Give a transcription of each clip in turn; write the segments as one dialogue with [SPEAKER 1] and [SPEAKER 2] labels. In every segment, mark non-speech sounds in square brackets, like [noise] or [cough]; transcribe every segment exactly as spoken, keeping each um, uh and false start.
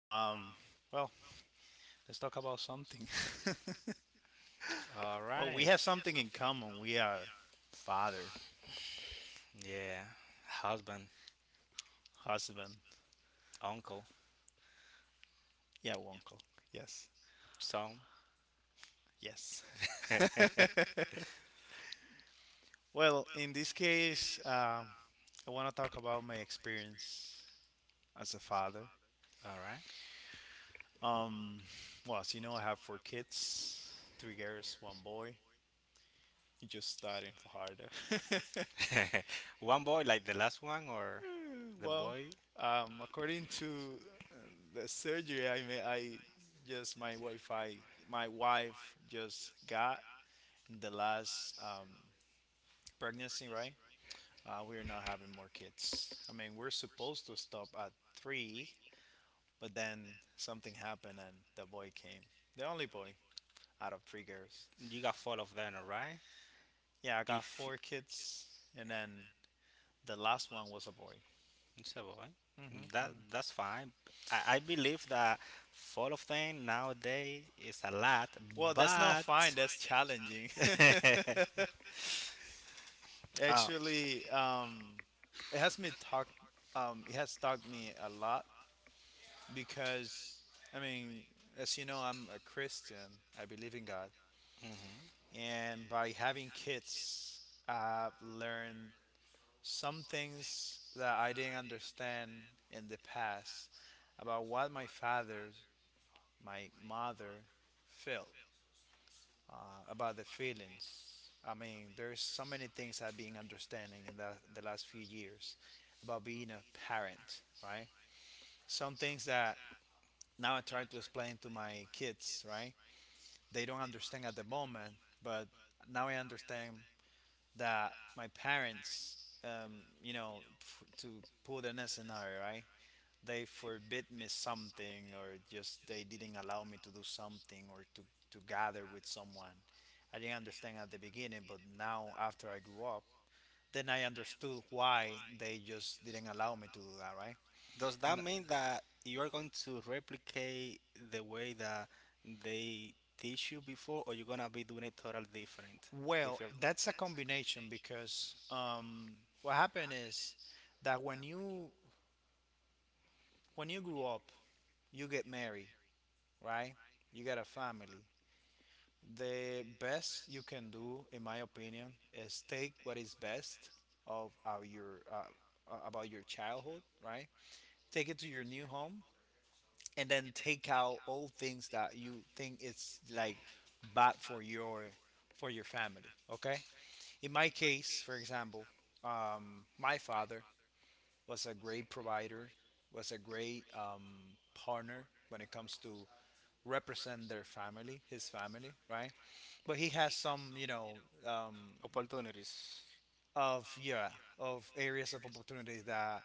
[SPEAKER 1] Um, well, let's talk about something.
[SPEAKER 2] All
[SPEAKER 1] [laughs] Well, we
[SPEAKER 2] right.
[SPEAKER 1] have something in common. We are father,
[SPEAKER 2] Yeah. Husband,
[SPEAKER 1] husband,
[SPEAKER 2] uncle,
[SPEAKER 1] yeah, uncle. Yes,
[SPEAKER 2] son.
[SPEAKER 1] yes.
[SPEAKER 2] [laughs]
[SPEAKER 1] [laughs] Well, in this case, um, I want to talk about my experience as a father.
[SPEAKER 2] All right.
[SPEAKER 1] Um, well, as you know, I have four kids, three girls, one boy. He just starting for harder. [laughs]
[SPEAKER 2] [laughs] One boy, like the last one, or
[SPEAKER 1] Eh,
[SPEAKER 2] the
[SPEAKER 1] Well,
[SPEAKER 2] boy?
[SPEAKER 1] um, According to uh, the surgery I may, I just my Wi-Fi, my wife just got in the last um, pregnancy, right? Uh, we're not having more kids. I mean, we're supposed to stop at three, but then something happened and the boy came, the only boy out of three girls.
[SPEAKER 2] You got four of them, all right?
[SPEAKER 1] Yeah, I got
[SPEAKER 2] If
[SPEAKER 1] four kids, and then the last one was a boy.
[SPEAKER 2] it's a boy,
[SPEAKER 1] hmm
[SPEAKER 2] that that's fine. I, I believe that four of them nowadays is a lot,
[SPEAKER 1] Well, that's not
[SPEAKER 2] but.
[SPEAKER 1] fine. That's challenging.
[SPEAKER 2] [laughs]
[SPEAKER 1] [laughs]
[SPEAKER 2] uh,
[SPEAKER 1] Actually, um, it has me talk. Um, it has taught me a lot because, I mean, as you know, I'm a Christian. I believe in God,
[SPEAKER 2] mhm.
[SPEAKER 1] and by having kids, I've learned some things that I didn't understand in the past about what my father, my mother, felt. uh, about the feelings. I mean, there's so many things I've been understanding in the, the last few years about being a parent, right? Some things that now I try to explain to my kids, right? They don't understand at the moment, but now I understand that my parents, um, you know, f- to put in a scenario, right? They forbid me something or just they didn't allow me to do something or to, to gather with someone. I didn't understand at the beginning, but now after I grew up, then I understood why they just didn't allow me to do that, right?
[SPEAKER 2] Does that
[SPEAKER 1] N-
[SPEAKER 2] mean that you are going to replicate the way that they teach you before, or you're gonna be doing it totally different with
[SPEAKER 1] Well,
[SPEAKER 2] your
[SPEAKER 1] that's a combination because um, what happened is that when you when you grew up, you get married, right? You got a family. The best you can do, in my opinion, is take what is best of uh, your uh, uh, about your childhood, right? Take it to your new home, and then take out all things that you think it's like bad for your for your family. Okay. In my case, for example, um, my father was a great provider, was a great um, partner when it comes to represent their family, his family, right? But he has some, you know, um,
[SPEAKER 2] opportunities?
[SPEAKER 1] of yeah, of areas of opportunity that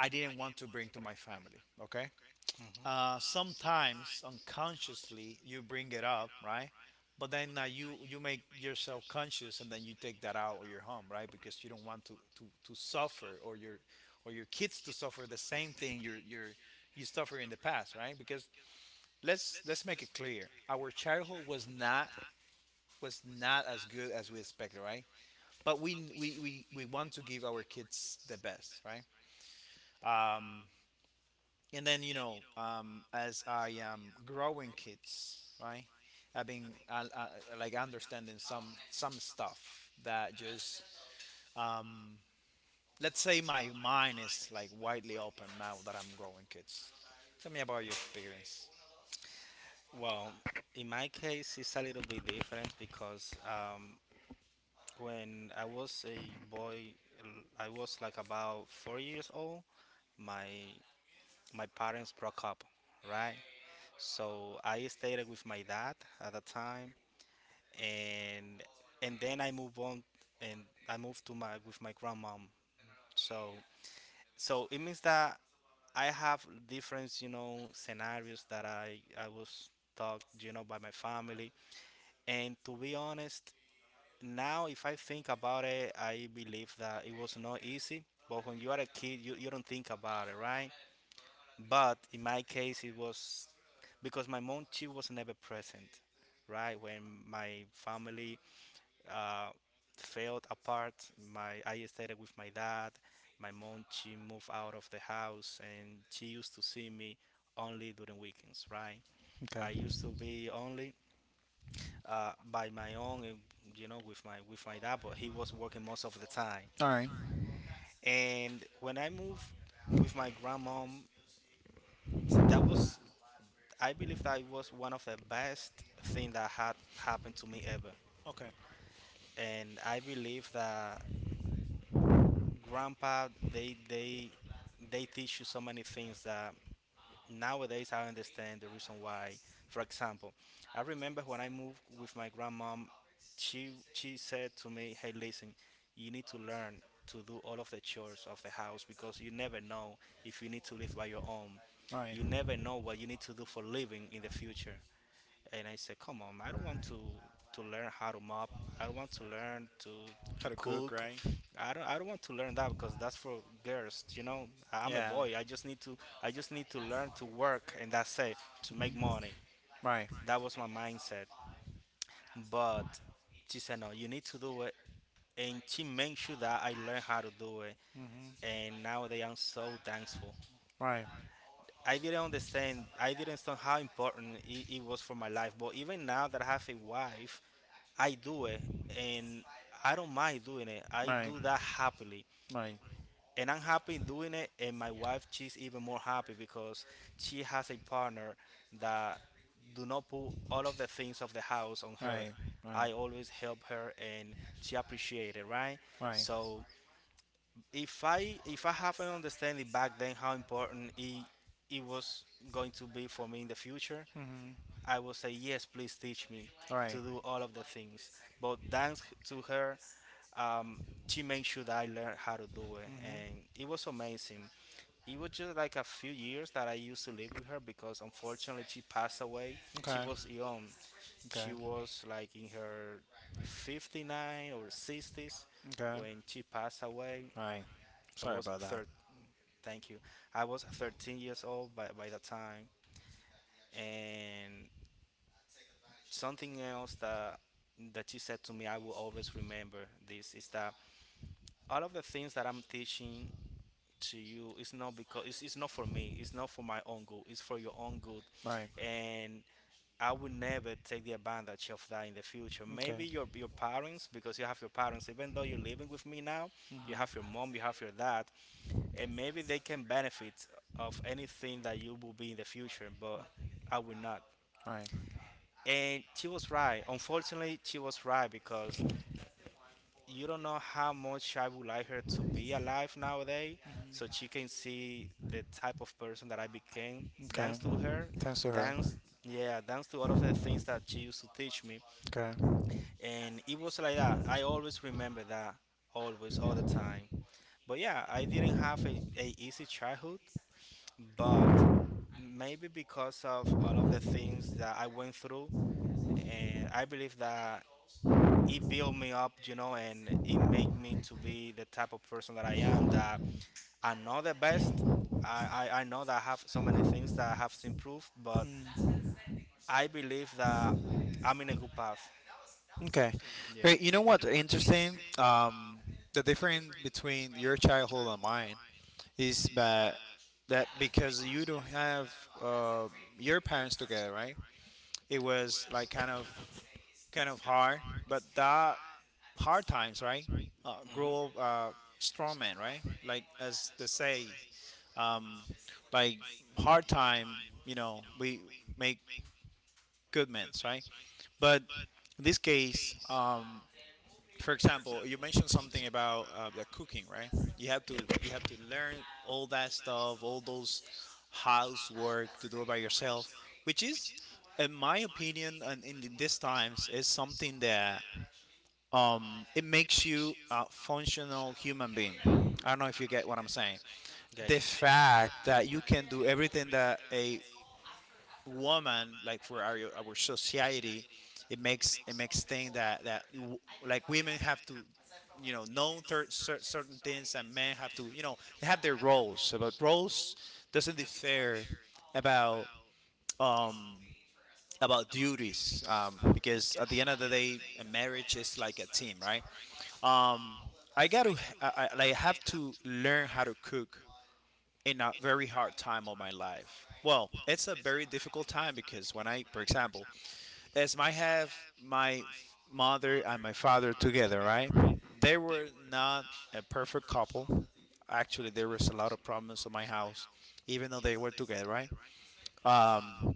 [SPEAKER 1] I didn't want to bring to my family. Okay.
[SPEAKER 2] Hmm.
[SPEAKER 1] Uh, sometimes unconsciously you bring it up, right? But then uh, you you make yourself conscious, and then you take that out of your home, right? Because you don't want to to, to suffer or your or your kids to suffer the same thing you're you're you suffer in the past, right? Because let's let's make it clear. Our childhood was not was not as good as we expected, right? But we we we, we want to give our kids the best, right? Um, and then You know, um, as I am growing kids, right? I've been uh, uh, like understanding some some stuff that just um, let's say my mind is like widely open now that I'm growing kids. Tell me about your experience.
[SPEAKER 2] Well, in my case, it's a little bit different because um, when I was a boy, l- I was like about four years old. My my parents broke up, right? So I stayed with my dad at the time, and and then I move on and I move to my with my grandmom. So so it means that I have different, you know, scenarios that I I was taught, you know, by my family. And to be honest, now if I think about it, I believe that it was not easy. But when you are a kid, you, you don't think about it, right? But in my case, it was because my mom she was never present, right? When my family uh, felt apart. My I stayed with my dad. My mom she moved out of the house and she used to see me only during weekends, right?
[SPEAKER 1] Okay.
[SPEAKER 2] I used to be only uh, by my own, and, you know, with my with my dad, but he was working most of the time.
[SPEAKER 1] All right.
[SPEAKER 2] And when I moved with my grandmom, that was I believe that it was one of the best thing that had happened to me ever.
[SPEAKER 1] Okay.
[SPEAKER 2] And I believe that grandpa they they they teach you so many things that nowadays I understand the reason why. For example, I remember when I moved with my grandmom, she she said to me, "Hey, listen, you need to learn to do all of the chores of the house because you never know if you need to live by your own.
[SPEAKER 1] All right.
[SPEAKER 2] You never know what you need to do for living in the future." And I said, "Come on, I don't want to to learn how to mop. I don't want to learn to to
[SPEAKER 1] How to cook,
[SPEAKER 2] cook.
[SPEAKER 1] right?
[SPEAKER 2] I don't I don't want to learn that because that's for girls. You know, I- I'm a
[SPEAKER 1] Yeah.
[SPEAKER 2] boy. I just need to I just need to learn to work and that's it to make money.
[SPEAKER 1] Right.
[SPEAKER 2] That was my mindset. But she said, "No, you need to do it." And she made sure that I learned how to do it.
[SPEAKER 1] hmm
[SPEAKER 2] And nowadays I'm so thankful.
[SPEAKER 1] Right.
[SPEAKER 2] I didn't understand, I didn't understand how important it, it was for my life. But even now that I have a wife, I do it and I don't mind doing it. I
[SPEAKER 1] Right. Right.
[SPEAKER 2] do that
[SPEAKER 1] Right.
[SPEAKER 2] happily. And I'm happy doing it and my wife she's even more happy because she has a partner that do not put all of the things of the house on her.
[SPEAKER 1] Right.
[SPEAKER 2] I always help her and she appreciate it, right?
[SPEAKER 1] Right.
[SPEAKER 2] So if I if I have an understanding back then how important it it was going to be for me in the future,
[SPEAKER 1] hmm
[SPEAKER 2] I will say, yes, please teach me to
[SPEAKER 1] Right.
[SPEAKER 2] do all of the things. But thanks to her, um, she made sure that I learned how to do it.
[SPEAKER 1] hmm
[SPEAKER 2] And it was amazing. It was just like a few years that I used to live with her because unfortunately she passed away. She
[SPEAKER 1] Okay.
[SPEAKER 2] was young. She
[SPEAKER 1] Okay.
[SPEAKER 2] was like in her fifty-nine or sixties
[SPEAKER 1] Okay.
[SPEAKER 2] when she passed away.
[SPEAKER 1] Right.
[SPEAKER 2] I
[SPEAKER 1] Sorry
[SPEAKER 2] was
[SPEAKER 1] about that.
[SPEAKER 2] third. Thank you. I was thirteen years old by, by the time, and something else that that you said to me I will always remember. This is that all of the things that I'm teaching to you is not because it's, it's not for me, it's not for my own good, it's for your own good,
[SPEAKER 1] Right.
[SPEAKER 2] and I will never take the advantage of that in the future.
[SPEAKER 1] Okay.
[SPEAKER 2] Maybe your your parents, because you have your parents even though you're living with me now, you
[SPEAKER 1] Mhm.
[SPEAKER 2] have your mom, you have your dad, and maybe they can benefit of anything that you will be in the future, but I will not.
[SPEAKER 1] Right.
[SPEAKER 2] And she was right. Unfortunately she was right, because you don't know how much I would like her to be alive nowadays, so she can see the type of person that I became.
[SPEAKER 1] Okay.
[SPEAKER 2] Thanks to her,
[SPEAKER 1] Thanks to her.
[SPEAKER 2] thanks, yeah, thanks to all of the things that she used to teach me,
[SPEAKER 1] Okay.
[SPEAKER 2] and it was like that. I always remember that, always, all the time. But yeah, I didn't have a, a easy childhood, but maybe because of all of the things that I went through, and I believe that it built me up, you know, and it made me to be the type of person that I am. That I know the best. I, I, I know that I have so many
[SPEAKER 1] Mm,
[SPEAKER 2] things that I have to improve, but I believe that I'm in a good path.
[SPEAKER 1] okay.
[SPEAKER 2] Yeah.
[SPEAKER 1] Great. You know what? Interesting? Um, the difference between your childhood and mine. Is that that because you don't have uh, your parents together, right? It was like kind of kind of hard, but that hard times, right? Uh, grow up
[SPEAKER 2] Mm-hmm.
[SPEAKER 1] uh, strong man, right? Like as they say, um, like hard time, you know, we make good men, right? But in this case, um, for example, you mentioned something about uh, the cooking, right? You have to you have to learn all that stuff, all those housework to do it by yourself, which is, in my opinion, and in th- these times, is something that um it makes you a functional human being. I don't know if you get what I'm saying. The
[SPEAKER 2] Gotcha.
[SPEAKER 1] fact that you can do everything that a woman, like for our our society, it makes it makes thing that that you- like women have to, you know know thir- cer- certain things, and men have to, you know, they have their roles. About roles doesn't differ about um about duties, um because at the end of the day a marriage is like a team, right? um i got to I, I like have to learn how to cook in a very hard time of my life. Well, it's a very difficult time because when I, for example, as I have my f- mother and my father together, right? They were not a perfect couple. Actually, there was a lot of problems in my house, even though they were together, right? Um,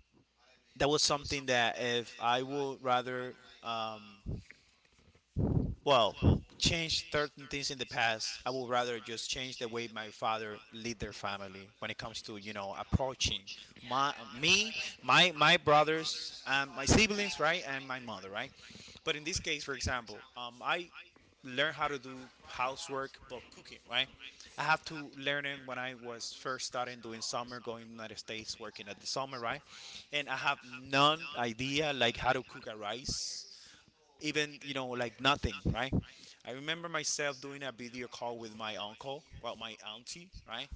[SPEAKER 1] that was something that if I would rather um, well change certain things in the past, I would rather just change the way my father lead their family when it comes to, you know, approaching my me my my brothers and my siblings, right, and my mother, right? But in this case, for example, um, I learn how to do housework but cooking, right? I have to learn it when I was first starting doing summer, going to the United States, working at the summer, right? And I have none idea like how to cook a rice, even, you know, like nothing, right? I remember myself doing a video call with my uncle, well, my auntie, right,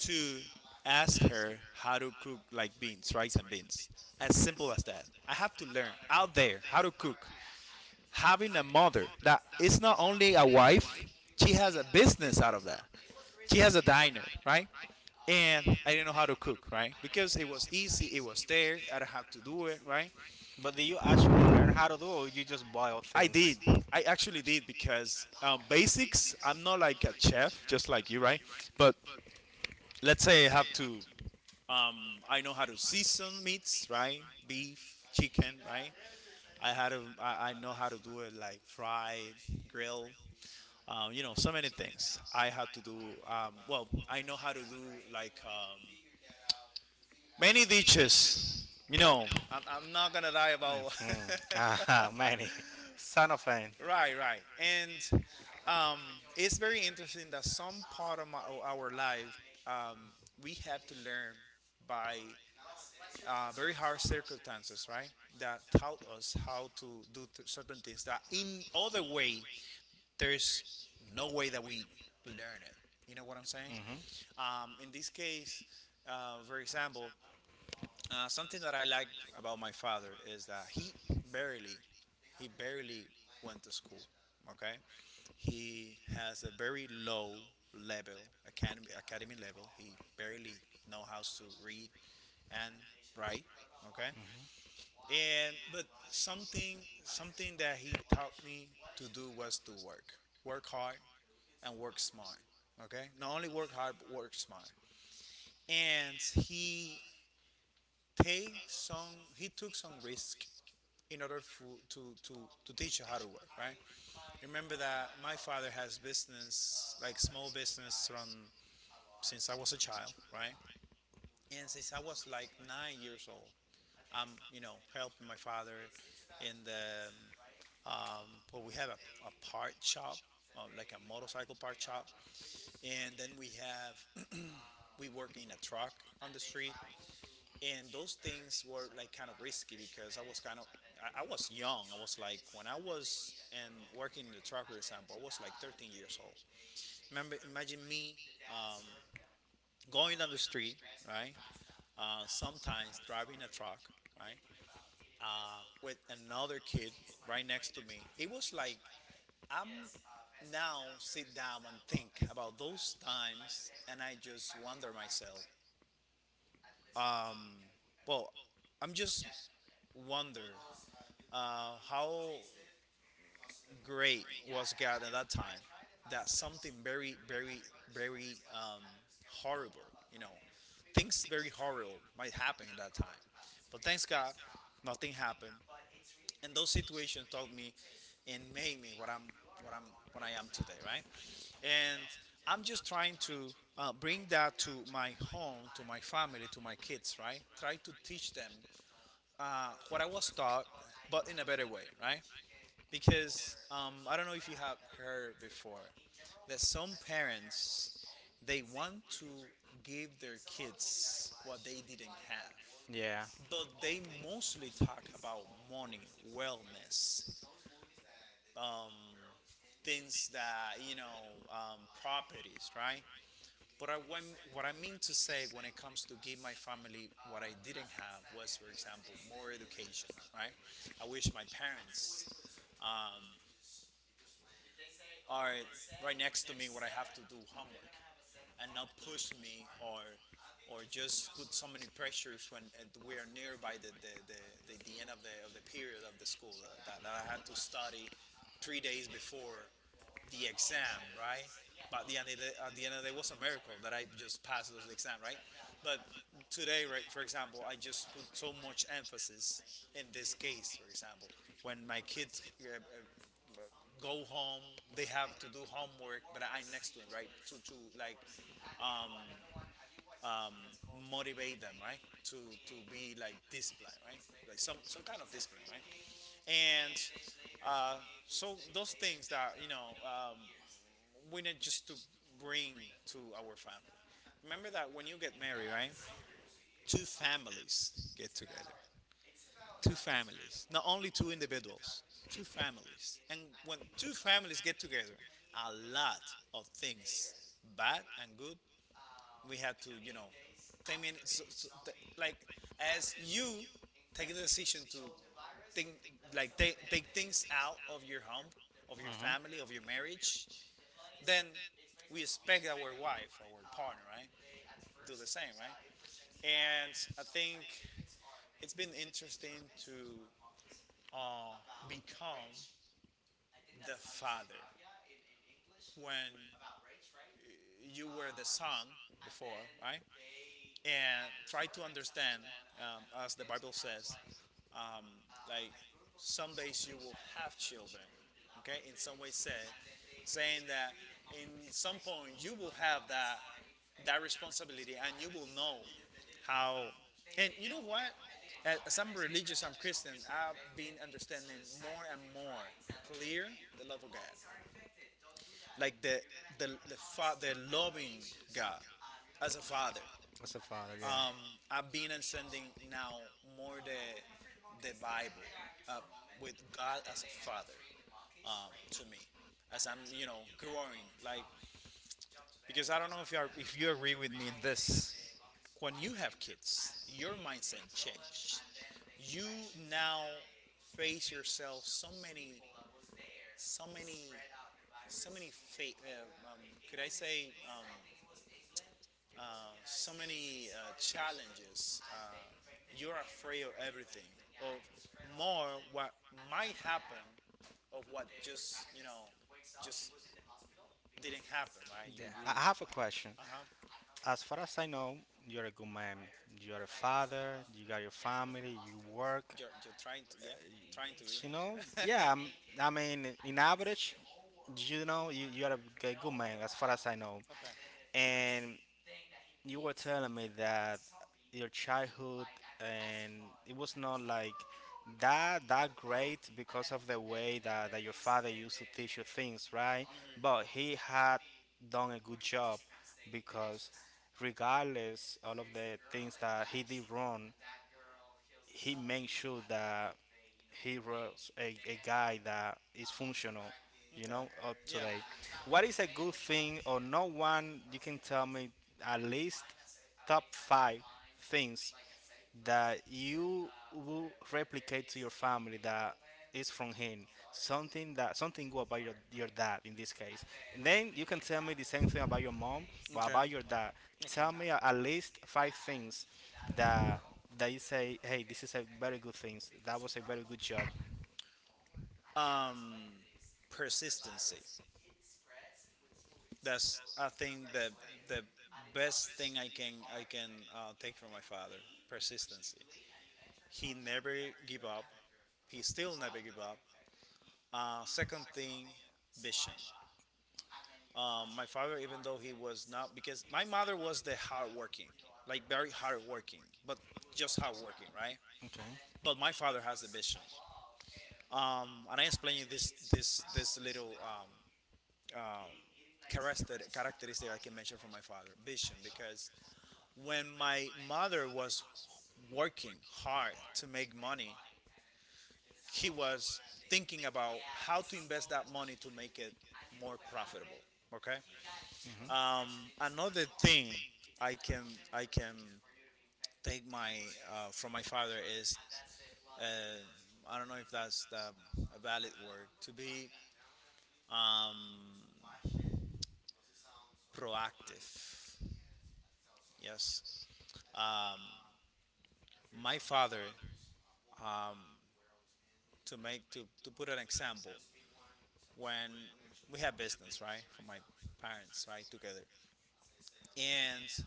[SPEAKER 1] to ask her how to cook like beans, rice and beans, as simple as that. I have to learn out there how to cook, having a mother that is not only a wife. She has a business out of that. She has a diner, right? And I didn't know how to cook, right, because it was easy, it was there, I don't have to do it, right?
[SPEAKER 2] But do you actually learn how to do, or you just boil
[SPEAKER 1] I
[SPEAKER 2] things?
[SPEAKER 1] did. I actually did because um, basics. I'm not like a chef, just like you, right? But let's say I have to. Um, I know how to season meats, right? Beef, chicken, right? I had to. I, I know how to do it like fried, grill. Um, you know, so many things. I had to do. Um, well, I know how to do like um, many dishes. You know, I'm, I'm not gonna lie about
[SPEAKER 2] Mm. Ah, [laughs] many.
[SPEAKER 1] [laughs]
[SPEAKER 2] Son of a. Mm-hmm.
[SPEAKER 1] right, right. And um, it's very interesting that some part of my, o- our life um, we have to learn by uh, very hard circumstances, right? That taught us how to do th- certain things that in other way, there's no way that we learn it. You know what I'm saying? Um, in this case, uh, for example, uh, something that I like about my father is that he barely, he barely went to school. Okay, he has a very low level, academy, academy level. He barely know how to read and write. Okay,
[SPEAKER 2] Mm-hmm.
[SPEAKER 1] and but something something that he taught me to do was to work, work hard and work smart. Okay, not only work hard but work smart. And he take some he took some risk in order for, to, to, to teach you how to work, right? Remember that my father has business, like small business from since I was a child, right? And since I was like nine years old, I'm, you know, helping my father in the, um, well, we have a, a part shop, uh, like a motorcycle part shop. And then we have, [clears throat] we work in a truck on the street. And those things were like kind of risky because I was kind of, I, I was young. I was like, when I was and working in the truck, for example, I was like thirteen years old. Remember, imagine me um, going down the street, right? Uh, sometimes driving a truck, right, uh, with another kid right next to me. It was like I'm now sit down and think about those times, and I just wonder myself. Well, I'm just wonder uh, how great was God at that time. That something very, very, very um, horrible, you know, things very horrible might happen in that time. But thanks God, nothing happened. And those situations taught me and made me what I'm what I'm what I am today, right? And I'm just trying to uh, bring that to my home, to my family, to my kids, right? Try to teach them uh, what I was taught, but in a better way, right? Because um, I don't know if you have heard before that some parents they want to give their kids what they didn't
[SPEAKER 2] Yeah.
[SPEAKER 1] have, but they mostly talk about money, wellness, um, things that, you know, um, properties, right? But I, what i mean to say when it comes to give my family what I didn't have was, for example, more education, right? I wish my parents um, are right next to me when I have to do homework and not push me or or just put so many pressures when uh, we are nearby the the, the, the, the end of the, of the period of the school uh, that, that I had to study three days before the exam, right? But at the end of the, at the end of the day, it was a miracle that I just passed those exam, right? But today, right, for example, I just put so much emphasis in this case, for example, when my kids uh, uh, go home, they have to do homework, but I'm next to them, right? To to like motivate them, right? To to be like disciplined, right? Like some some kind of discipline, right? And uh, so those things that you know. Um, we need just to bring to our family. Remember that when you get married, right? Two families get together. Two families, not only two individuals. Two families, and when two families get together, a lot of things, bad and good, we have to, you know, I mean, so, so, th- like as you take the decision to think, like take take things out of your home, of your
[SPEAKER 2] Mm-hmm.
[SPEAKER 1] family, of your marriage, then we expect our wife, our partner, right, do the same, right? And I think it's been interesting to uh, become the father when you were the son before, right? And try to understand, um, as the Bible says, like some days you will have children. Okay, in some way said, saying that in some point you will have that that responsibility and you will know how. And you know what, as I'm religious, I'm Christian, I've been understanding more and more clear the love of God, like the the the, fa- the loving God as a father.
[SPEAKER 2] As a father, yeah.
[SPEAKER 1] um I've been understanding now more the the Bible uh, with God as a father, um to me, as I'm, you know, growing, like because I don't know if you are, if you agree with me in this, when you have kids, your mindset changes. You now face yourself so many, so many, so many fa- uh, um, could I say um, uh, so many uh, challenges, uh, you're afraid of everything, of more what might happen, of what just, you know, just didn't happen, right? you,
[SPEAKER 2] Yeah,
[SPEAKER 1] you
[SPEAKER 2] I I have a question.
[SPEAKER 1] Uh-huh.
[SPEAKER 2] As far as I know, you're a good man. You're a father, you got your family, you work.
[SPEAKER 1] You're, you're trying to, yeah, trying to,
[SPEAKER 2] You know,
[SPEAKER 1] yeah. Huh?
[SPEAKER 2] yeah, I'm- I
[SPEAKER 1] [laughs]
[SPEAKER 2] mean, in average, you know, you, you're a g- good man, as far as I know.
[SPEAKER 1] Okay. God doesn't
[SPEAKER 2] And you were telling me that your childhood and it was not like
[SPEAKER 1] play
[SPEAKER 2] that that great
[SPEAKER 1] to the
[SPEAKER 2] because of the way that, that your father used to teach you
[SPEAKER 1] games,
[SPEAKER 2] things,
[SPEAKER 1] right?
[SPEAKER 2] right?
[SPEAKER 1] But
[SPEAKER 2] But
[SPEAKER 1] he
[SPEAKER 2] he
[SPEAKER 1] had.
[SPEAKER 2] had done a good job because regardless all of the things that he did wrong, he makes sure that he runs a, a guy that is functional, you
[SPEAKER 1] Okay.
[SPEAKER 2] know, up to
[SPEAKER 1] Yeah.
[SPEAKER 2] date. What is a good thing or no one you can tell me at least top five things that you will replicate to your family that is from him, something that something good about your, your dad in this case, and then you can tell me the same thing about your mom, but
[SPEAKER 1] Okay.
[SPEAKER 2] about your dad tell me
[SPEAKER 1] Okay.
[SPEAKER 2] a- at least five things that that you say, hey, this is a very good things, that was a very good job.
[SPEAKER 1] Um, persistency. That's I think the the best thing I can I can uh, take from my father. Persistency. He never give up. He still never give up. Uh, second thing, vision. Um, my father, even though he was not, because my mother was the hardworking, like very hardworking, but just hardworking, right?
[SPEAKER 2] Okay.
[SPEAKER 1] But my father has a vision. Um, and I explain you this this this little um, uh, character characteristic I can mention from my father, vision, because when my mother was working hard to make money, he was thinking about how to invest that money to make it more profitable. Okay.
[SPEAKER 2] Hmm.
[SPEAKER 1] Um, Another thing I can I can take my uh, from my father is uh, I don't know if that's the, a valid word to be, um, proactive. Yes. Um, my father, um, to make to, to put an example, when we had business, right, for my parents, right, together, and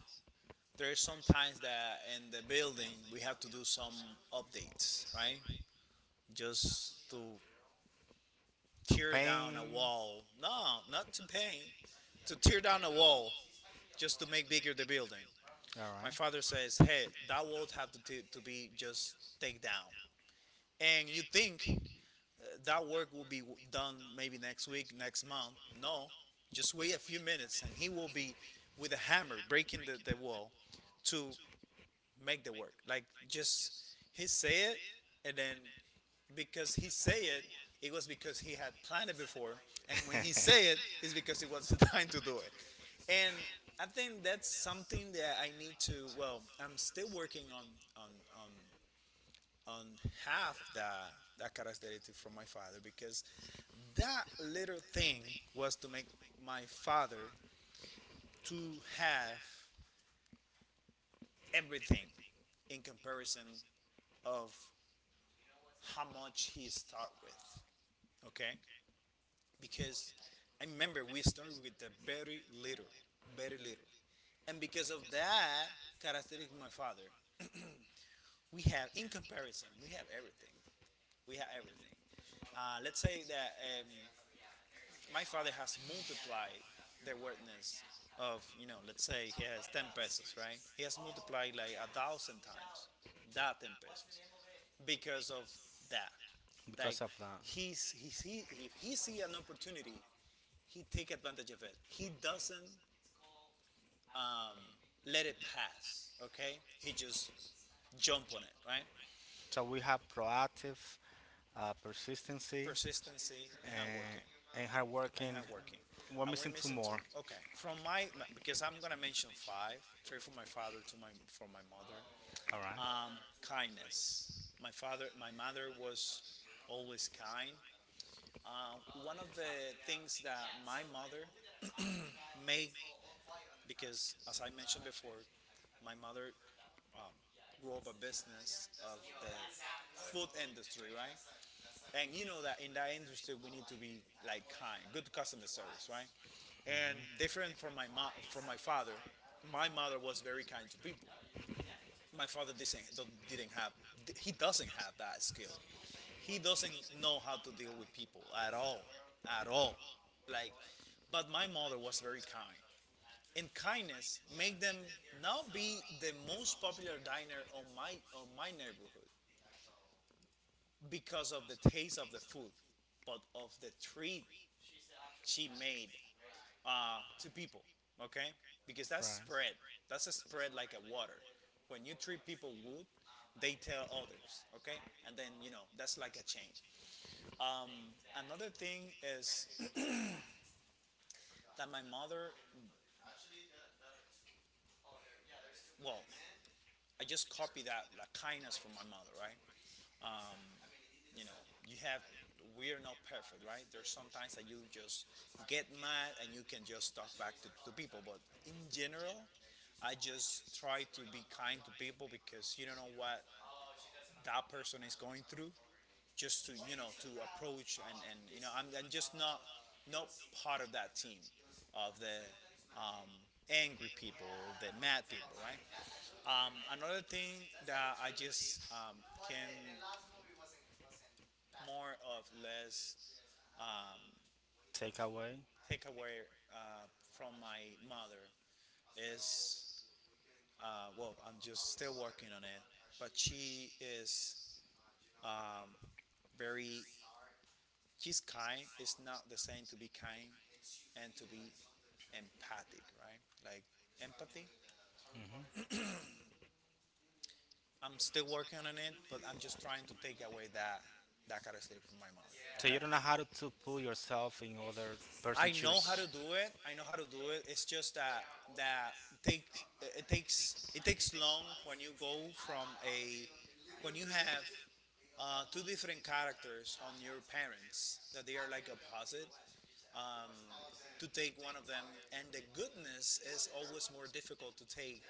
[SPEAKER 1] there's sometimes that in the building we have to do some updates, right, just to
[SPEAKER 2] To
[SPEAKER 1] tear down a
[SPEAKER 2] paint.
[SPEAKER 1] wall. No, not to paint, to tear down a wall just to make bigger the building.
[SPEAKER 2] All
[SPEAKER 1] My
[SPEAKER 2] right.
[SPEAKER 1] father says, "Hey, that wall have to t- to be just take down." And you think that work will be done maybe next week, next month. No, just wait a few minutes and he will be with a hammer breaking the, the wall to make the work. Like just he say it and then because he say it, it was because he had planned it before. And when he say
[SPEAKER 2] [laughs]
[SPEAKER 1] it, it's because it was [laughs] the time to do it. And I think that's something that I need to. I'm still working on on, on half the that characteristic from my father, because that little thing was to make my father to have everything in comparison f- much he start with. Okay, because I remember we started with the very little, very little, and because of that characteristic of my father, we have, in comparison, we have everything, we have everything. Uh, let's say that, um, my father has multiplied awareness of, you know, let's say, pesos, right? He has applied like a thousand times that ten pesos because of that. Like
[SPEAKER 2] Because of that.
[SPEAKER 1] he he, he see an
[SPEAKER 2] [laughs]
[SPEAKER 1] opportunity, he take advantage of it. He doesn't, um, let it pass. Okay, he just jump on it. Right,
[SPEAKER 2] So we have proactive, uh, persistency,
[SPEAKER 1] persistency and hard
[SPEAKER 2] and
[SPEAKER 1] working
[SPEAKER 2] and hard
[SPEAKER 1] and
[SPEAKER 2] working.
[SPEAKER 1] hard working.
[SPEAKER 2] We're
[SPEAKER 1] And we're
[SPEAKER 2] missing two
[SPEAKER 1] missing two.
[SPEAKER 2] more.
[SPEAKER 1] Okay, from my, because I'm gonna mention five. Three from my father, two my from my mother.
[SPEAKER 2] All right.
[SPEAKER 1] Um, kindness. My father, my mother was always kind. Uh, One of the things that my mother made, because as I mentioned before, my mother rob a business of the food industry, right? And you know that in that industry we need to be like kind, good customer service, right? And
[SPEAKER 2] Mhm.
[SPEAKER 1] different from my mom, from my father, my mother was very kind to people. My father didn't didn't have. He doesn't have that skill. He doesn't know how to deal with people at all, at all. Like, but my mother was very kind, and kindness made them now be the most popular diner on my on my neighborhood. Because of the taste of the food, but of the treat she made uh, to people. Okay, because that's
[SPEAKER 2] Right.
[SPEAKER 1] spread. That's a spread like a water. When you treat people good, they tell others. Okay, and then you know that's like a chain. Another thing is that my mother. Well, I just copied that like kindness from my mother, right? You know, you have, we are not perfect, right? There's sometimes that you just get mad and you can just talk back to, to people, but in general, I just try to be kind to people because you don't know what that person is going through. Just to, you know, to approach, and, and you know, I'm, I'm just not, not part of that team of the, um, angry people, the mad people, right? Um, another thing that I just, um, can more of less, um,
[SPEAKER 2] Take away.
[SPEAKER 1] take away uh, from my mother is, uh, well, I'm just still working on it, but she is, um, very. He's kind, it's not the same to be kind and to be empathic, right? Like empathy.
[SPEAKER 2] Hmm.
[SPEAKER 1] I'm still working on it, but I'm just trying to take away that that kind of stuff from my mother.
[SPEAKER 2] So
[SPEAKER 1] Okay,
[SPEAKER 2] you don't know how to, to put yourself in other
[SPEAKER 1] I
[SPEAKER 2] person
[SPEAKER 1] know how to
[SPEAKER 2] shoes.
[SPEAKER 1] do it, I know how to do it. It's just that that takes, it takes it takes long when you go from a, when you have, uh, two different characters on your parents that they are like opposite, to take one of them. And the goodness is always more difficult to take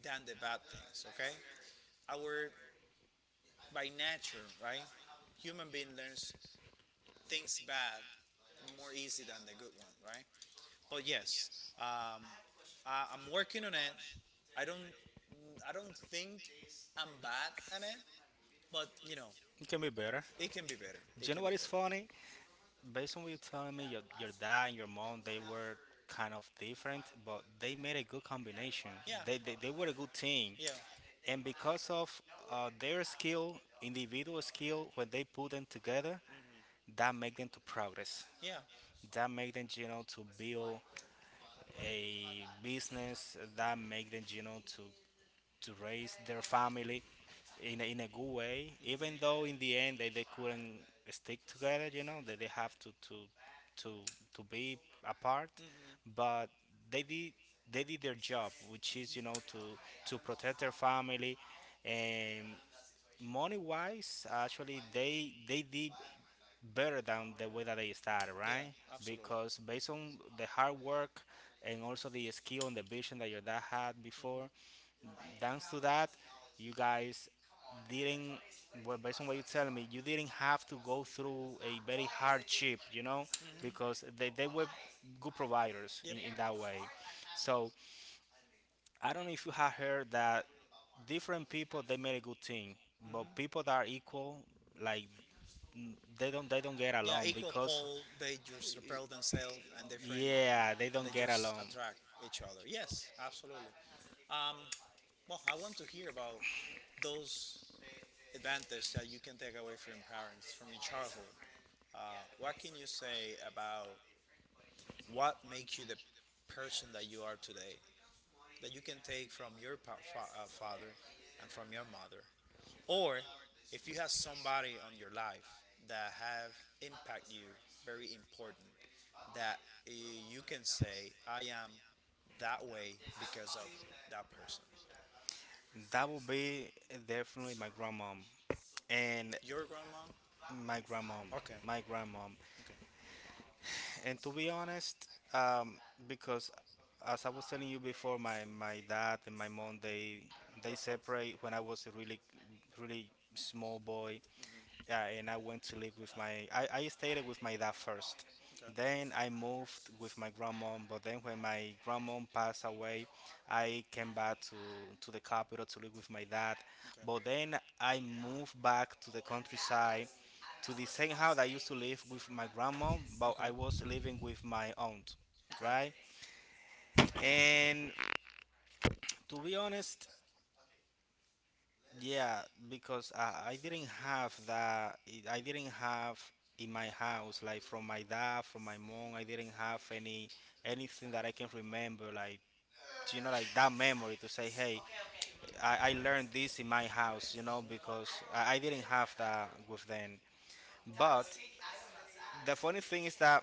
[SPEAKER 1] than the bad things. Okay, our, by nature, right, human being learns things bad more easy than the good one, right? But yes, um, I, I'm working on it. I don't, I don't think I'm bad at it, but you know,
[SPEAKER 2] It can be better.
[SPEAKER 1] it can be better, it
[SPEAKER 2] Do you
[SPEAKER 1] can
[SPEAKER 2] know
[SPEAKER 1] be
[SPEAKER 2] what is
[SPEAKER 1] better.
[SPEAKER 2] funny? Based on what you're telling me, your, your dad and your mom, they were kind of different, but they made a good combination.
[SPEAKER 1] Yeah.
[SPEAKER 2] They, they, they were a good team.
[SPEAKER 1] Yeah.
[SPEAKER 2] And because of uh, their skill individual skill, when they put them together,
[SPEAKER 1] Hmm.
[SPEAKER 2] that make them to progress, that make them, you know, to build a business, that make them, you know, to to raise their family in a, in a good way, even though in the end they, they couldn't stick together, you know, that they have to to to to be apart,
[SPEAKER 1] Hmm.
[SPEAKER 2] but they did, they did their job, which is, you know, to to protect their family, and money wise actually they they did better than the way that they started,
[SPEAKER 1] Yeah,
[SPEAKER 2] right?
[SPEAKER 1] absolutely.
[SPEAKER 2] Because based on the hard work and also the skill and the vision that your dad had
[SPEAKER 1] Mm-hmm.
[SPEAKER 2] before, thanks to that, you guys didn't, well, based on what you tell me, you didn't have to go through a very hardship, you know, because they, they were good providers
[SPEAKER 1] Yep.
[SPEAKER 2] in, in that way. So I don't know if you have heard that different people they make a good team, but people that are equal, like n- they don't they don't get
[SPEAKER 1] Yeah,
[SPEAKER 2] along
[SPEAKER 1] equal
[SPEAKER 2] because
[SPEAKER 1] pole. They just repel themselves, and different.
[SPEAKER 2] yeah, they
[SPEAKER 1] They
[SPEAKER 2] don't get
[SPEAKER 1] just
[SPEAKER 2] along.
[SPEAKER 1] attract each other. Yes, absolutely. Um, well, I want to hear about those advantages that you can take away from your parents, from your childhood. Uh, what can you say about what makes you the person that you are today that you can take from your pa- fa- uh, father and from your mother, or if you have somebody on your life that have impact you very important that uh, you can say, I am that way because of that person.
[SPEAKER 2] That would be definitely my grandmom and
[SPEAKER 1] Your grandma?
[SPEAKER 2] my grandmom,
[SPEAKER 1] Okay.
[SPEAKER 2] my grandmom. And to be honest, um, because as I was telling you before, my my dad and my mom they they separate when I was a really really small boy. Yeah, and I went to live with my. I, I stayed with my dad first.
[SPEAKER 1] Okay.
[SPEAKER 2] Then I moved with my grandmom. But then when my grandmom passed away, I came back to to the capital to live with my dad.
[SPEAKER 1] Okay.
[SPEAKER 2] But then I moved back to the countryside, to the same house I used to live with my grandmom. But I
[SPEAKER 1] Okay.
[SPEAKER 2] was living with my aunt,
[SPEAKER 1] Okay. Okay.
[SPEAKER 2] right? And to be honest, yeah, because I, I didn't have that. I I didn't have in my house, like from my dad, from my mom. I didn't have any anything that I can remember, like you know, like that memory to say, hey, I, I learned this in my house, you know, because I, I didn't have that with them. But the funny thing is that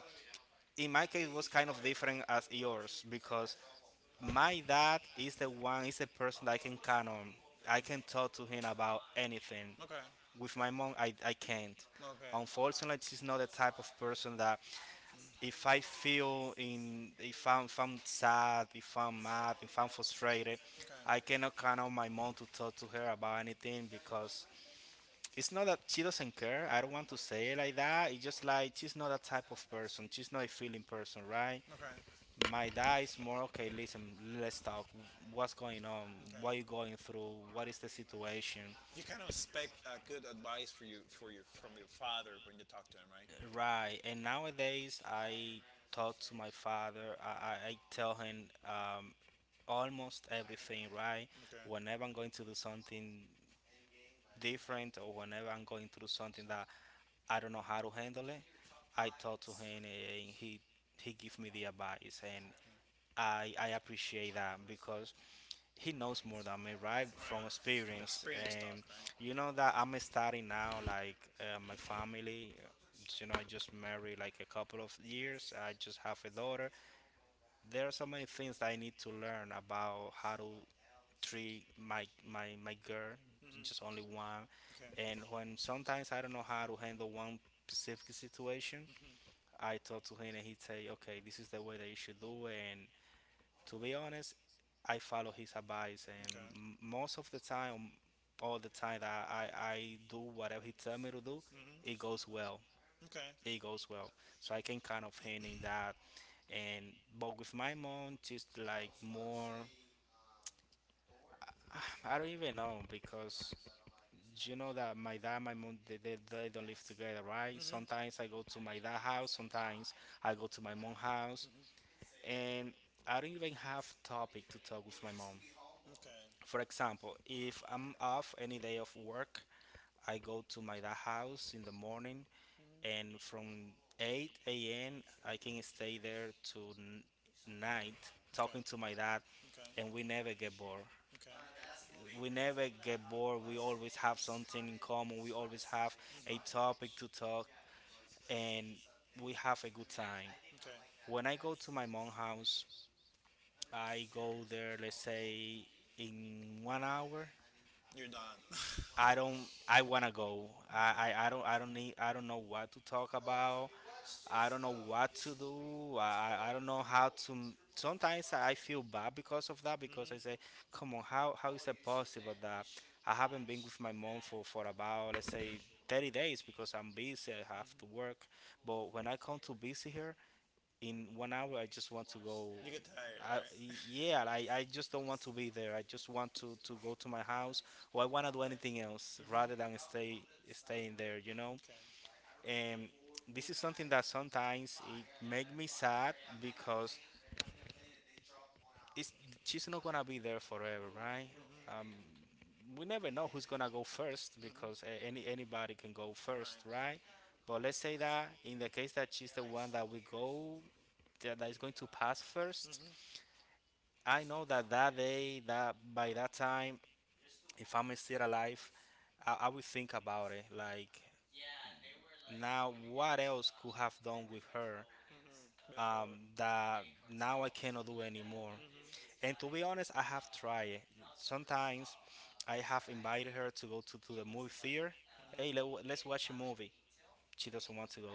[SPEAKER 2] in my case it was kind of different as yours because my dad is the one, is the person that I can count on. I can talk to him about anything. With my mom, I, I can't.
[SPEAKER 1] Okay.
[SPEAKER 2] Unfortunately, she's not the type of person that if I feel in, if I'm, if I'm sad, if I'm mad, if I'm frustrated, I
[SPEAKER 1] Okay.
[SPEAKER 2] cannot count on my mom to talk to her about anything because it's not that she doesn't care. I don't want to say it like that. It's just like she's not that type of person. She's not a feeling person, right?
[SPEAKER 1] Okay.
[SPEAKER 2] My dad is more okay. Listen, let's talk. What's going on? What are you going through? What is the situation?
[SPEAKER 1] You kind of expect uh, good advice for you, for your from your father when you talk to him, right?
[SPEAKER 2] Right, and nowadays I talk to my father. I, I, I tell him um, almost everything. Right,
[SPEAKER 1] Okay.
[SPEAKER 2] whenever I'm going to do something different or whenever I'm going through something that I don't know how to handle it, I talk to him and he he give me the advice, and I I appreciate that because he knows more than me, right? From
[SPEAKER 1] Right.
[SPEAKER 2] experience,
[SPEAKER 1] Experience talk,
[SPEAKER 2] and
[SPEAKER 1] right?
[SPEAKER 2] you know that I'm starting now, like uh, my family. uh, You know, I just married like a couple of years. I just have a daughter. There are so many things that I need to learn about how to treat my my my girl,
[SPEAKER 1] Hmm.
[SPEAKER 2] just only one.
[SPEAKER 1] Okay.
[SPEAKER 2] And when sometimes I don't know how to handle one specific situation,
[SPEAKER 1] Mhm.
[SPEAKER 2] I talk to him and he say, okay, this is the way that you should do it. And to be honest, I follow his advice, and
[SPEAKER 1] Okay.
[SPEAKER 2] m- most of the time, all the time that I, I do whatever he tell me to do, it
[SPEAKER 1] Hmm.
[SPEAKER 2] goes well.
[SPEAKER 1] Okay.
[SPEAKER 2] It goes well. So I can kind of hint in that. And but with my mom, just like more, [sighs] I don't even know because you know that my dad, my mom, they, they, they don't live together, right? Sometimes I go to my dad house, sometimes I go to my mom house, and I don't even have topic to talk with my mom.
[SPEAKER 1] Okay.
[SPEAKER 2] For example, if I'm off any day of work, I go to my dad house in the morning, and from eight a m, I can stay there to n-
[SPEAKER 1] Okay.
[SPEAKER 2] night
[SPEAKER 1] Okay. Okay.
[SPEAKER 2] talking to my
[SPEAKER 1] Okay. [laughs]
[SPEAKER 2] dad, and we never get bored. We never get bored. We always have something in common. We always have a topic to talk, and we have a good time. When I go to my mom's house, I go there, let's say, in one hour I don't. I wanna go. I, I, I don't I don't need I don't know what to talk about. I don't know what to do. I, I I don't know how to. m- Sometimes I feel bad because of that because I say, come on, how how is it possible that I haven't been with my mom for for about let's say thirty days because I'm busy. I have to work. But when I come to visit her, in one hour I just want to go.
[SPEAKER 1] Tired.
[SPEAKER 2] I, yeah, I, I just don't want to be there. I just want to to go to my house or I want to do anything else rather than
[SPEAKER 1] Hmm.
[SPEAKER 2] stay staying there you know And this is something that sometimes it make me sad because it's she's not gonna be there forever, right? Um, we never know who's gonna go first because a-
[SPEAKER 1] Hmm.
[SPEAKER 2] any anybody can go first, right? But let's say that in the case that she's the one that we go that that is going to pass first, I know that that day, that by that time, if I'm still alive, I, I would think about it. Like now, what else could have done with her um, that now I cannot do anymore? And to be honest, I have tried it. Sometimes I have invited her to go to, to the movie theater. Hey, let, let's watch a movie. She doesn't want to go.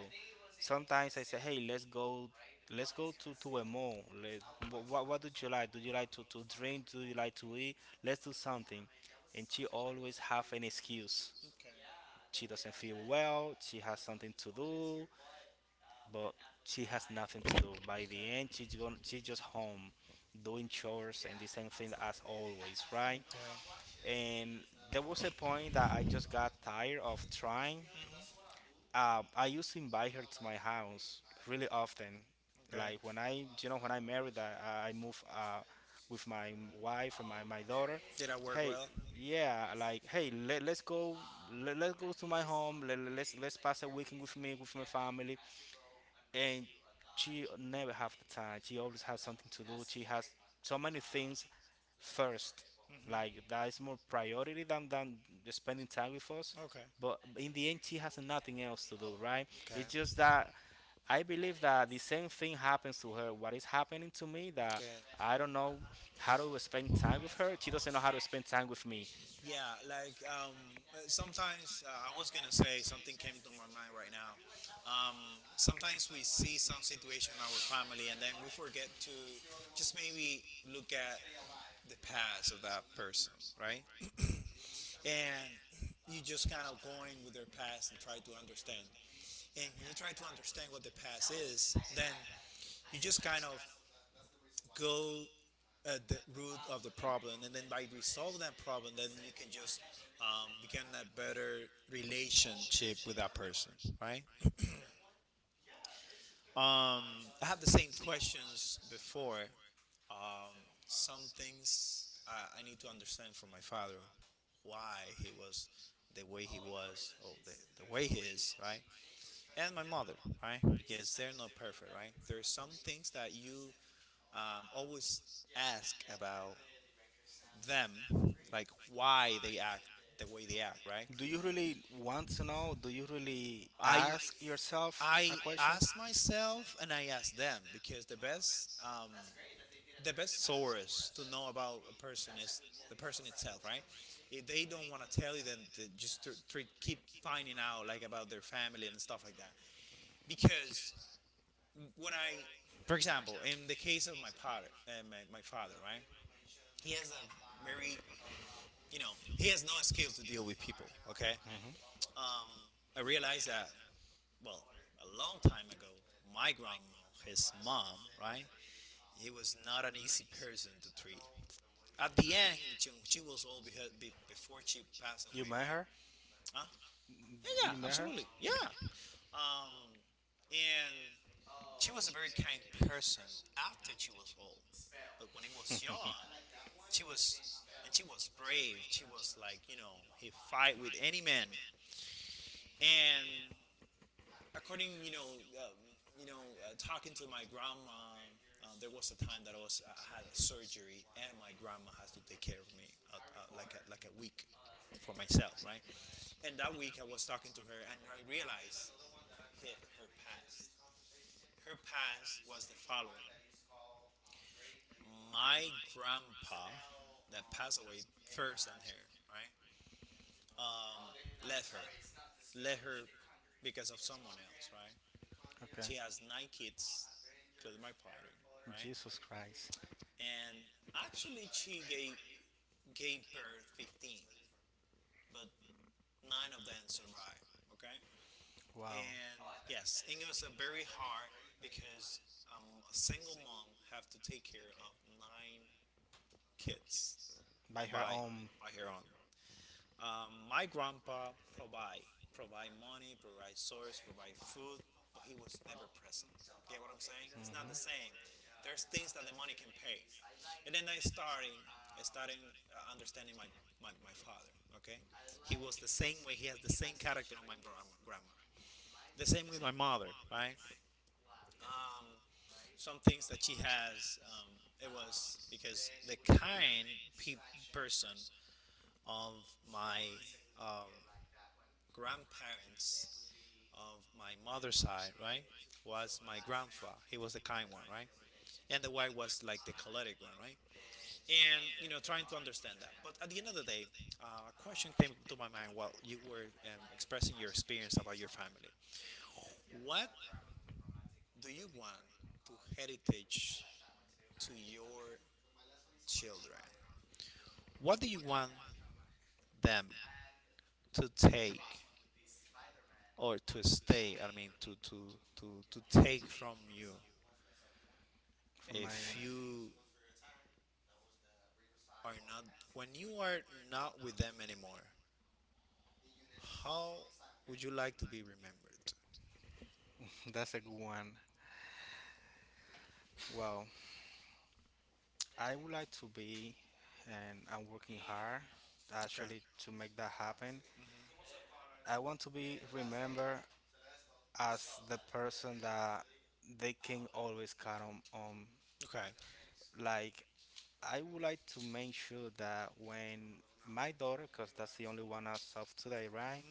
[SPEAKER 2] Sometimes I say, hey, let's go, let's go to, to a mall. Let, what, what do you like? Do you like to, to drink? Do you like to eat? Let's do something. And she always have an excuse.
[SPEAKER 1] Okay.
[SPEAKER 2] She doesn't feel well. She has something to do but she has nothing to do. By the end, she's gone, she's just home doing chores and the same thing as always, right? And there was a point that I just got tired of trying.
[SPEAKER 1] Hmm.
[SPEAKER 2] Um, I used to invite her to my house really often.
[SPEAKER 1] Okay.
[SPEAKER 2] Like when I, you know, when I married, I, I moved uh, with my wife and my, my daughter.
[SPEAKER 1] That work
[SPEAKER 2] Hey,
[SPEAKER 1] well.
[SPEAKER 2] yeah, like hey, let, let's go, let, let's go to my home. Let, let's let's pass a weekend with me with my family and she never have the time. She always has something to do. She has so many things first. Like that is
[SPEAKER 1] Hmm.
[SPEAKER 2] more priority than than spending time with us.
[SPEAKER 1] Okay.
[SPEAKER 2] But in the end, she has nothing else to do, right? It's just that I believe that the same thing happens to her. What is happening to me that
[SPEAKER 1] Okay.
[SPEAKER 2] I don't know how to spend time with her. She doesn't know how to spend time with me.
[SPEAKER 1] Yeah, like, um, uh, sometimes uh, I was gonna say something came to my mind right now. Um, Sometimes we see some situation in our family and then we forget to just maybe look at the past of that person, right? And you just kind of going with their past and try to understand. And when you try to understand what the past is, then you just kind of go at the root of the problem, and then by resolving that problem, then you can just um, begin a better relationship with that person, right? I have the same questions before. Um, some things I, I need to understand from my father why he was the way he was, or the, the way he is, right? And my mother, right? Because they're not perfect, right? There are some things that you um, always ask about them, like why they act the way they act, right?
[SPEAKER 2] Do you really want to know? Do you really
[SPEAKER 1] I
[SPEAKER 2] ask yourself a
[SPEAKER 1] I
[SPEAKER 2] question?
[SPEAKER 1] ask myself and I ask them because the best um, the best source to know about a person is the person itself, right? If they don't want to tell you, then to just to, to keep finding out like about their family and stuff like that. Because when I, for example, in the case of my father, uh, my, my father, right? He has a very you know he has no skill to deal with people. Okay, um, I realized that well, a long time ago, my grandma, his mom, right? He was not an easy person to treat. At the end, she was old before she passed
[SPEAKER 2] You
[SPEAKER 1] away,
[SPEAKER 2] met
[SPEAKER 1] right?
[SPEAKER 2] her?
[SPEAKER 1] Huh? Yeah, yeah,
[SPEAKER 2] You met her?
[SPEAKER 1] absolutely. Yeah. Um, and she was a very kind person after she was old. But when he was young,
[SPEAKER 2] [laughs]
[SPEAKER 1] she was, and she was brave. She was like, you know, he fight with any man. And according you know uh, you know uh, talking to my grandma uh, there was a time that I was I had a surgery and my grandma has to take care of me uh, uh, like a, like a week for myself, right? And that week I was talking to her and I realized her past. Her past was the following: my grandpa, that passed away first here, right? um, Let her, because of someone else, right?
[SPEAKER 2] Okay.
[SPEAKER 1] She has nine kids, including my partner, right?
[SPEAKER 2] Jesus Christ.
[SPEAKER 1] And actually she gave gave birth fifteen, but nine of them survived. Okay.
[SPEAKER 2] Wow.
[SPEAKER 1] And yes, and it was a very hard because um, a single mom have to take care of nine kids
[SPEAKER 2] By her
[SPEAKER 1] by
[SPEAKER 2] own, Mhm.
[SPEAKER 1] by her own. Um, my grandpa provide provide money, provide source, provide food, but he was never present. Get what I'm saying? It's not the same. There's things that the money can pay, and then I starting I starting uh, understanding my, my my father. Okay, he was the same way. He has the same character of my grandma. grandma. The same with my mother, right? Um, some things that she has, um, it was because the kind pe- person of my um, grandparents of my mother's side, right, was my grandpa. He was the kind one, right? And the wife was like the choleric one, right? And, you know, trying to understand that. But at the end of the day, uh, a question came to my mind while you were um, expressing your experience about your family. What do you want to heritage to your children? What do you want them to take or to stay? I mean, to to to to take from you
[SPEAKER 2] From my.
[SPEAKER 1] if you
[SPEAKER 2] [laughs]
[SPEAKER 1] are not, when you are not with them anymore, how would you like to be remembered?
[SPEAKER 2] That's a good one. Well, I would like to be, and I'm working hard
[SPEAKER 1] Okay.
[SPEAKER 2] actually to make that happen. I want to be remembered as the person that they can always count on, on.
[SPEAKER 1] Okay.
[SPEAKER 2] Like, I would like to make sure that when my daughter, because that's the only one as of today, right?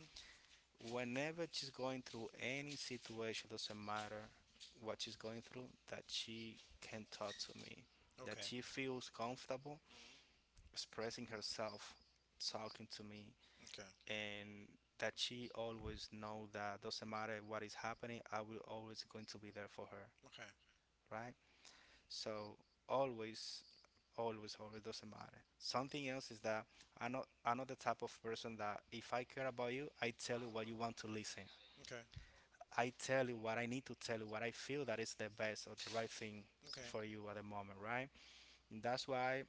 [SPEAKER 2] Whenever she's going through any situation, doesn't matter what she's going through, that she can talk to me, that
[SPEAKER 1] Okay.
[SPEAKER 2] she feels comfortable
[SPEAKER 1] Mhm.
[SPEAKER 2] expressing herself, talking to me,
[SPEAKER 1] Okay.
[SPEAKER 2] and that she always know that doesn't matter what is happening, I will always going to be there for her,
[SPEAKER 1] Okay.
[SPEAKER 2] right? So always, always, always doesn't matter. Something else is that I'm not I'm not the type of person that if I care about you, I tell you what you want to listen.
[SPEAKER 1] Okay. Okay.
[SPEAKER 2] I tell you what I need to tell you, what I feel that is the best or the right thing for you at the moment, right? And that's why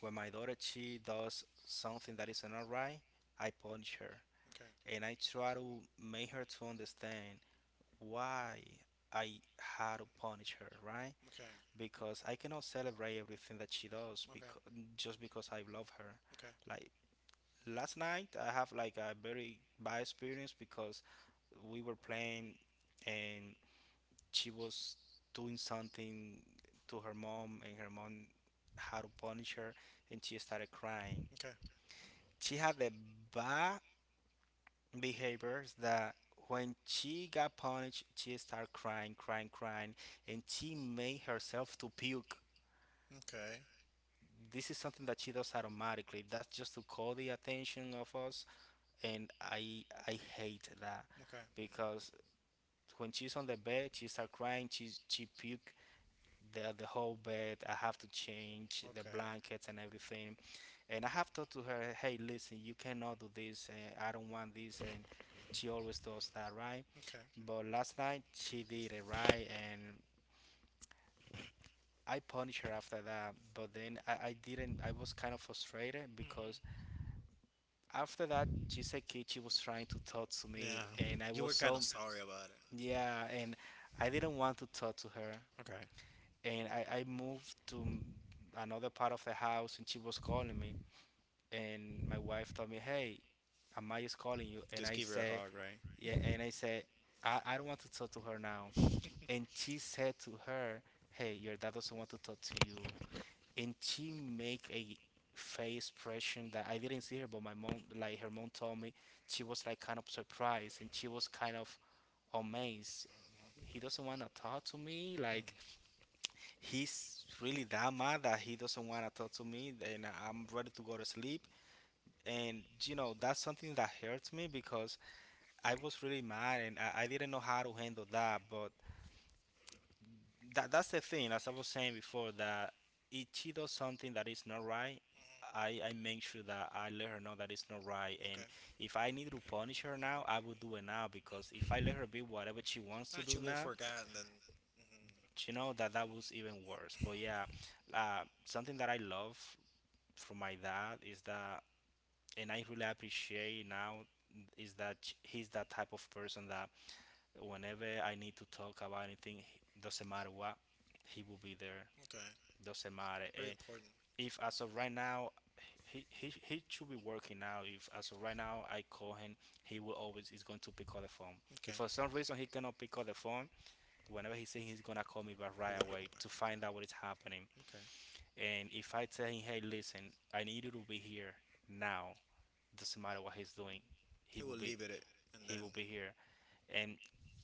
[SPEAKER 2] when my daughter she does something that is not right, I punish her
[SPEAKER 1] Okay.
[SPEAKER 2] and I try to make her to understand why I had to punish her, right?
[SPEAKER 1] Okay. Okay.
[SPEAKER 2] Because I cannot celebrate everything that she does because just because I love her. Like last night, I have like a very bad experience because we were playing and she was doing something to her mom and her mom had to punish her and she started crying. She had the bad behaviors that when she got punished, she started crying, crying, crying, and she made herself to puke.
[SPEAKER 1] Okay.
[SPEAKER 2] This is something that she does automatically. That's just to call the attention of us, and I I hate that
[SPEAKER 1] Okay. Okay.
[SPEAKER 2] because when she's on the bed, she start crying. She she puke the the whole bed. I have to change the blankets and everything, and I have talked to her. Hey, listen, you cannot do this. And I don't want this. And she always does that, right?
[SPEAKER 1] Okay.
[SPEAKER 2] But last night she did it right, and I punished her after that, but then I, I didn't. I was kind of frustrated
[SPEAKER 1] Mhm.
[SPEAKER 2] because after that Jisekichi was trying to talk to
[SPEAKER 1] Yeah.
[SPEAKER 2] me and I was
[SPEAKER 1] Kind of
[SPEAKER 2] so
[SPEAKER 1] sorry about it.
[SPEAKER 2] yeah, and I didn't want to talk to her,
[SPEAKER 1] Okay.
[SPEAKER 2] and I, I moved to another part of the house and she was calling me, and my wife told me, hey, Amaya is calling you, and
[SPEAKER 1] Just
[SPEAKER 2] I
[SPEAKER 1] give her a
[SPEAKER 2] said
[SPEAKER 1] hug, right?
[SPEAKER 2] yeah, and I said I, I don't want to talk to her now. And she said to her, hey, your dad doesn't want to talk to you. And she make a face expression that I didn't see her, but my mom, like her mom told me, she was like kind of surprised and she was kind of amazed. He doesn't want to talk to me. Like he's really that mad that he doesn't want to talk to me, and I'm ready to go to sleep. And you know that's something that hurts me because I was really mad and I, I didn't know how to handle that. But that that's the thing. As I was saying before, that if she does something that is not right,
[SPEAKER 1] Mhm.
[SPEAKER 2] I I make sure that I let her know that it's not right. And
[SPEAKER 1] Okay.
[SPEAKER 2] if I need to punish her now, I would do it now because if I let her be whatever she wants to do now,
[SPEAKER 1] Then. Mhm.
[SPEAKER 2] you know that that was even worse. But yeah, uh, something that I love from my dad is that, and I really appreciate now is that ch- he's that type of person that whenever I need to talk about anything, he- doesn't matter what, he will be there.
[SPEAKER 1] Okay.
[SPEAKER 2] Doesn't matter.
[SPEAKER 1] Very
[SPEAKER 2] Eh,
[SPEAKER 1] important.
[SPEAKER 2] If as of right now, he, he he should be working now. If as of right now I call him, he will always is going to pick up the phone.
[SPEAKER 1] Okay.
[SPEAKER 2] If for some reason he cannot pick up the phone, whenever he says he's gonna call me back right away to find out what is happening.
[SPEAKER 1] Okay.
[SPEAKER 2] And if I tell him, hey, listen, I need you to be here now. Doesn't matter what he's doing,
[SPEAKER 1] He
[SPEAKER 2] he will
[SPEAKER 1] will
[SPEAKER 2] be
[SPEAKER 1] leave it, at- and
[SPEAKER 2] he
[SPEAKER 1] then.
[SPEAKER 2] will be here. And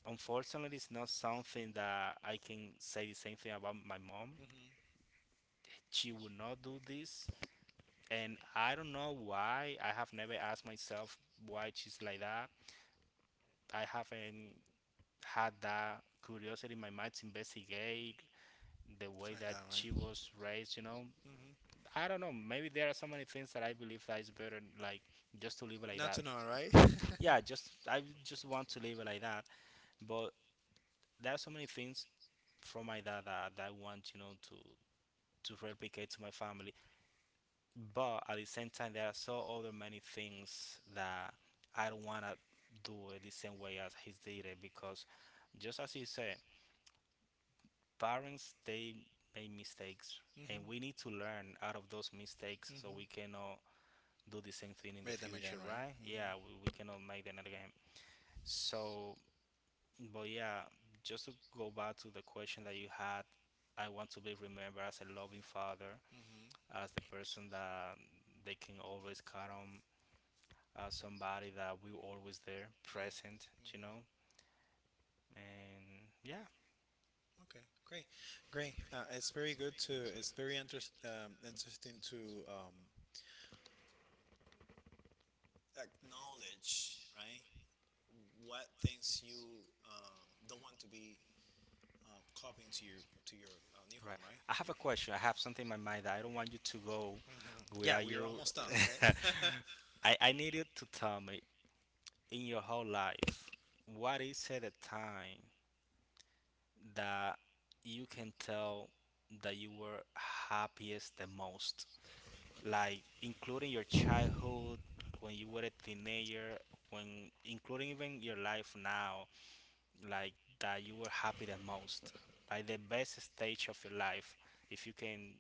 [SPEAKER 2] unfortunately, it's not something that I can say the same thing about my mom.
[SPEAKER 1] Mm-hmm.
[SPEAKER 2] She will not do this and I don't know why. I have never asked myself why she's like that. I haven't had that curiosity in my mind to investigate the way that she was raised, you know.
[SPEAKER 1] Mm-hmm.
[SPEAKER 2] I don't know. Maybe there are so many things that I believe that is better, like just to live like
[SPEAKER 1] Not
[SPEAKER 2] that.
[SPEAKER 1] to know, right? [laughs] Mm-hmm.
[SPEAKER 2] Yeah, just I just want to live like that. But there are so many things from my dad that, that I want, you know, to to replicate to my family. But at the same time there are so other many things that I don't wanna do it the same way as he did it because just as you said, parents they make mistakes and we need to learn out of those mistakes so we cannot do the same thing in the
[SPEAKER 1] Hit them again.
[SPEAKER 2] future, right? Yeah, we, we cannot make them again. So but yeah, just to go back to the question that you had, I want to be remembered as a loving father,
[SPEAKER 1] Mm-hmm.
[SPEAKER 2] as the person that they can always count on, uh, somebody that we always there, present, you know. And yeah,
[SPEAKER 1] Okay, great, great. Uh, it's very good to. It's very interest, um, interesting to um, acknowledge, right? What things you um, don't want to be uh, copying to your to your uh, new home,
[SPEAKER 2] right.
[SPEAKER 1] right?
[SPEAKER 2] I have a question. I have something in my mind that I don't want you to go
[SPEAKER 1] Hmm. Yeah,
[SPEAKER 2] without
[SPEAKER 1] we are
[SPEAKER 2] you.
[SPEAKER 1] almost done.
[SPEAKER 2] [laughs] I I need you to tell me in your whole life, what is at a time that you can tell that you were happiest the most? Like including your childhood, when you were a teenager, when including even your life now, like that you were happy the most, like the best stage of your life, if you can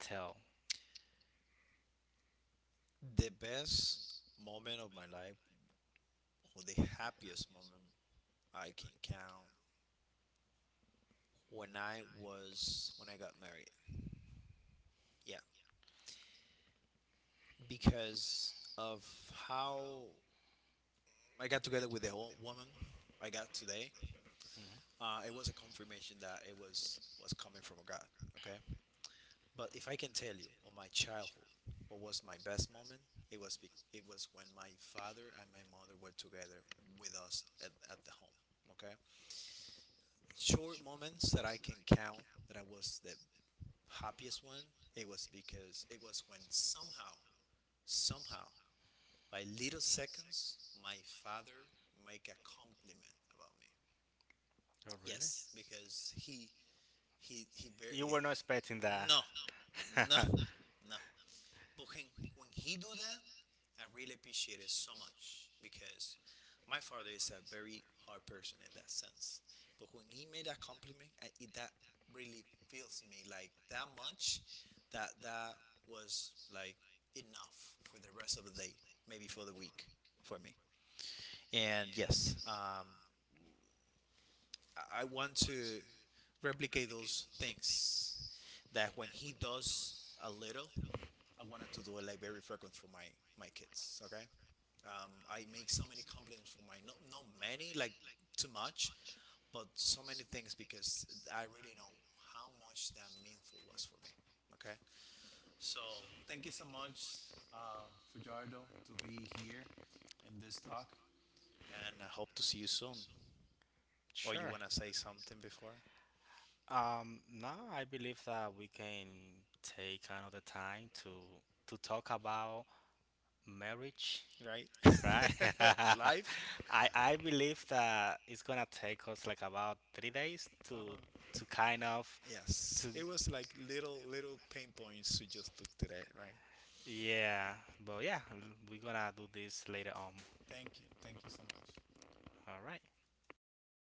[SPEAKER 2] tell.
[SPEAKER 1] [laughs] The best moment of my life, or the happiest moment I can count, when I was when I got married. Yeah, because of how I got together with the old woman I got today.
[SPEAKER 2] Mhm.
[SPEAKER 1] Uh, it was a confirmation that it was was coming from God. Okay, but if I can tell you on my childhood, what was my best moment? It was be- it was when my father and my mother were together with us at, at the home. Okay, short moments that I can count that I was the happiest one. It was because it was when somehow, somehow, by little seconds, my father make a compliment about me.
[SPEAKER 2] Oh, really?
[SPEAKER 1] Yes, because he he he bar- You
[SPEAKER 2] You
[SPEAKER 1] weren't
[SPEAKER 2] were not
[SPEAKER 1] eh,
[SPEAKER 2] expecting
[SPEAKER 1] expecting that.
[SPEAKER 2] that.
[SPEAKER 1] No, no,
[SPEAKER 2] [laughs]
[SPEAKER 1] no. But when, when he do that, I really appreciate it so much because my father is a very hard person in that sense. But when he made that compliment, I, it, that really feels me like that much. That that was like enough for the rest of the day, maybe for the week for me. And yes, um, I- I want to replicate those things. That when he does a little, I wanted to do it like very frequent for my my kids. Okay, um, I make so many compliments for my not not many like too much, but so many things because I really know how much that meaningful was for me. Okay, so thank you so much, uh, Fajardo, to be here in this talk, and I hope to see you soon. Or you
[SPEAKER 2] Sure.
[SPEAKER 1] wanna say something before?
[SPEAKER 2] Um, no, I believe that we can take another time to to talk about marriage,
[SPEAKER 1] Right?
[SPEAKER 2] right?
[SPEAKER 1] [laughs]
[SPEAKER 2] [laughs]
[SPEAKER 1] Life.
[SPEAKER 2] I I believe that it's gonna take us like about three days
[SPEAKER 1] Uh
[SPEAKER 2] to
[SPEAKER 1] huh.
[SPEAKER 2] to kind of to.
[SPEAKER 1] Yes, it was like little little pain points we just took today, right?
[SPEAKER 2] Yeah, but yeah, l- we're gonna do this later on.
[SPEAKER 1] Thank you, thank you so much.
[SPEAKER 2] All right.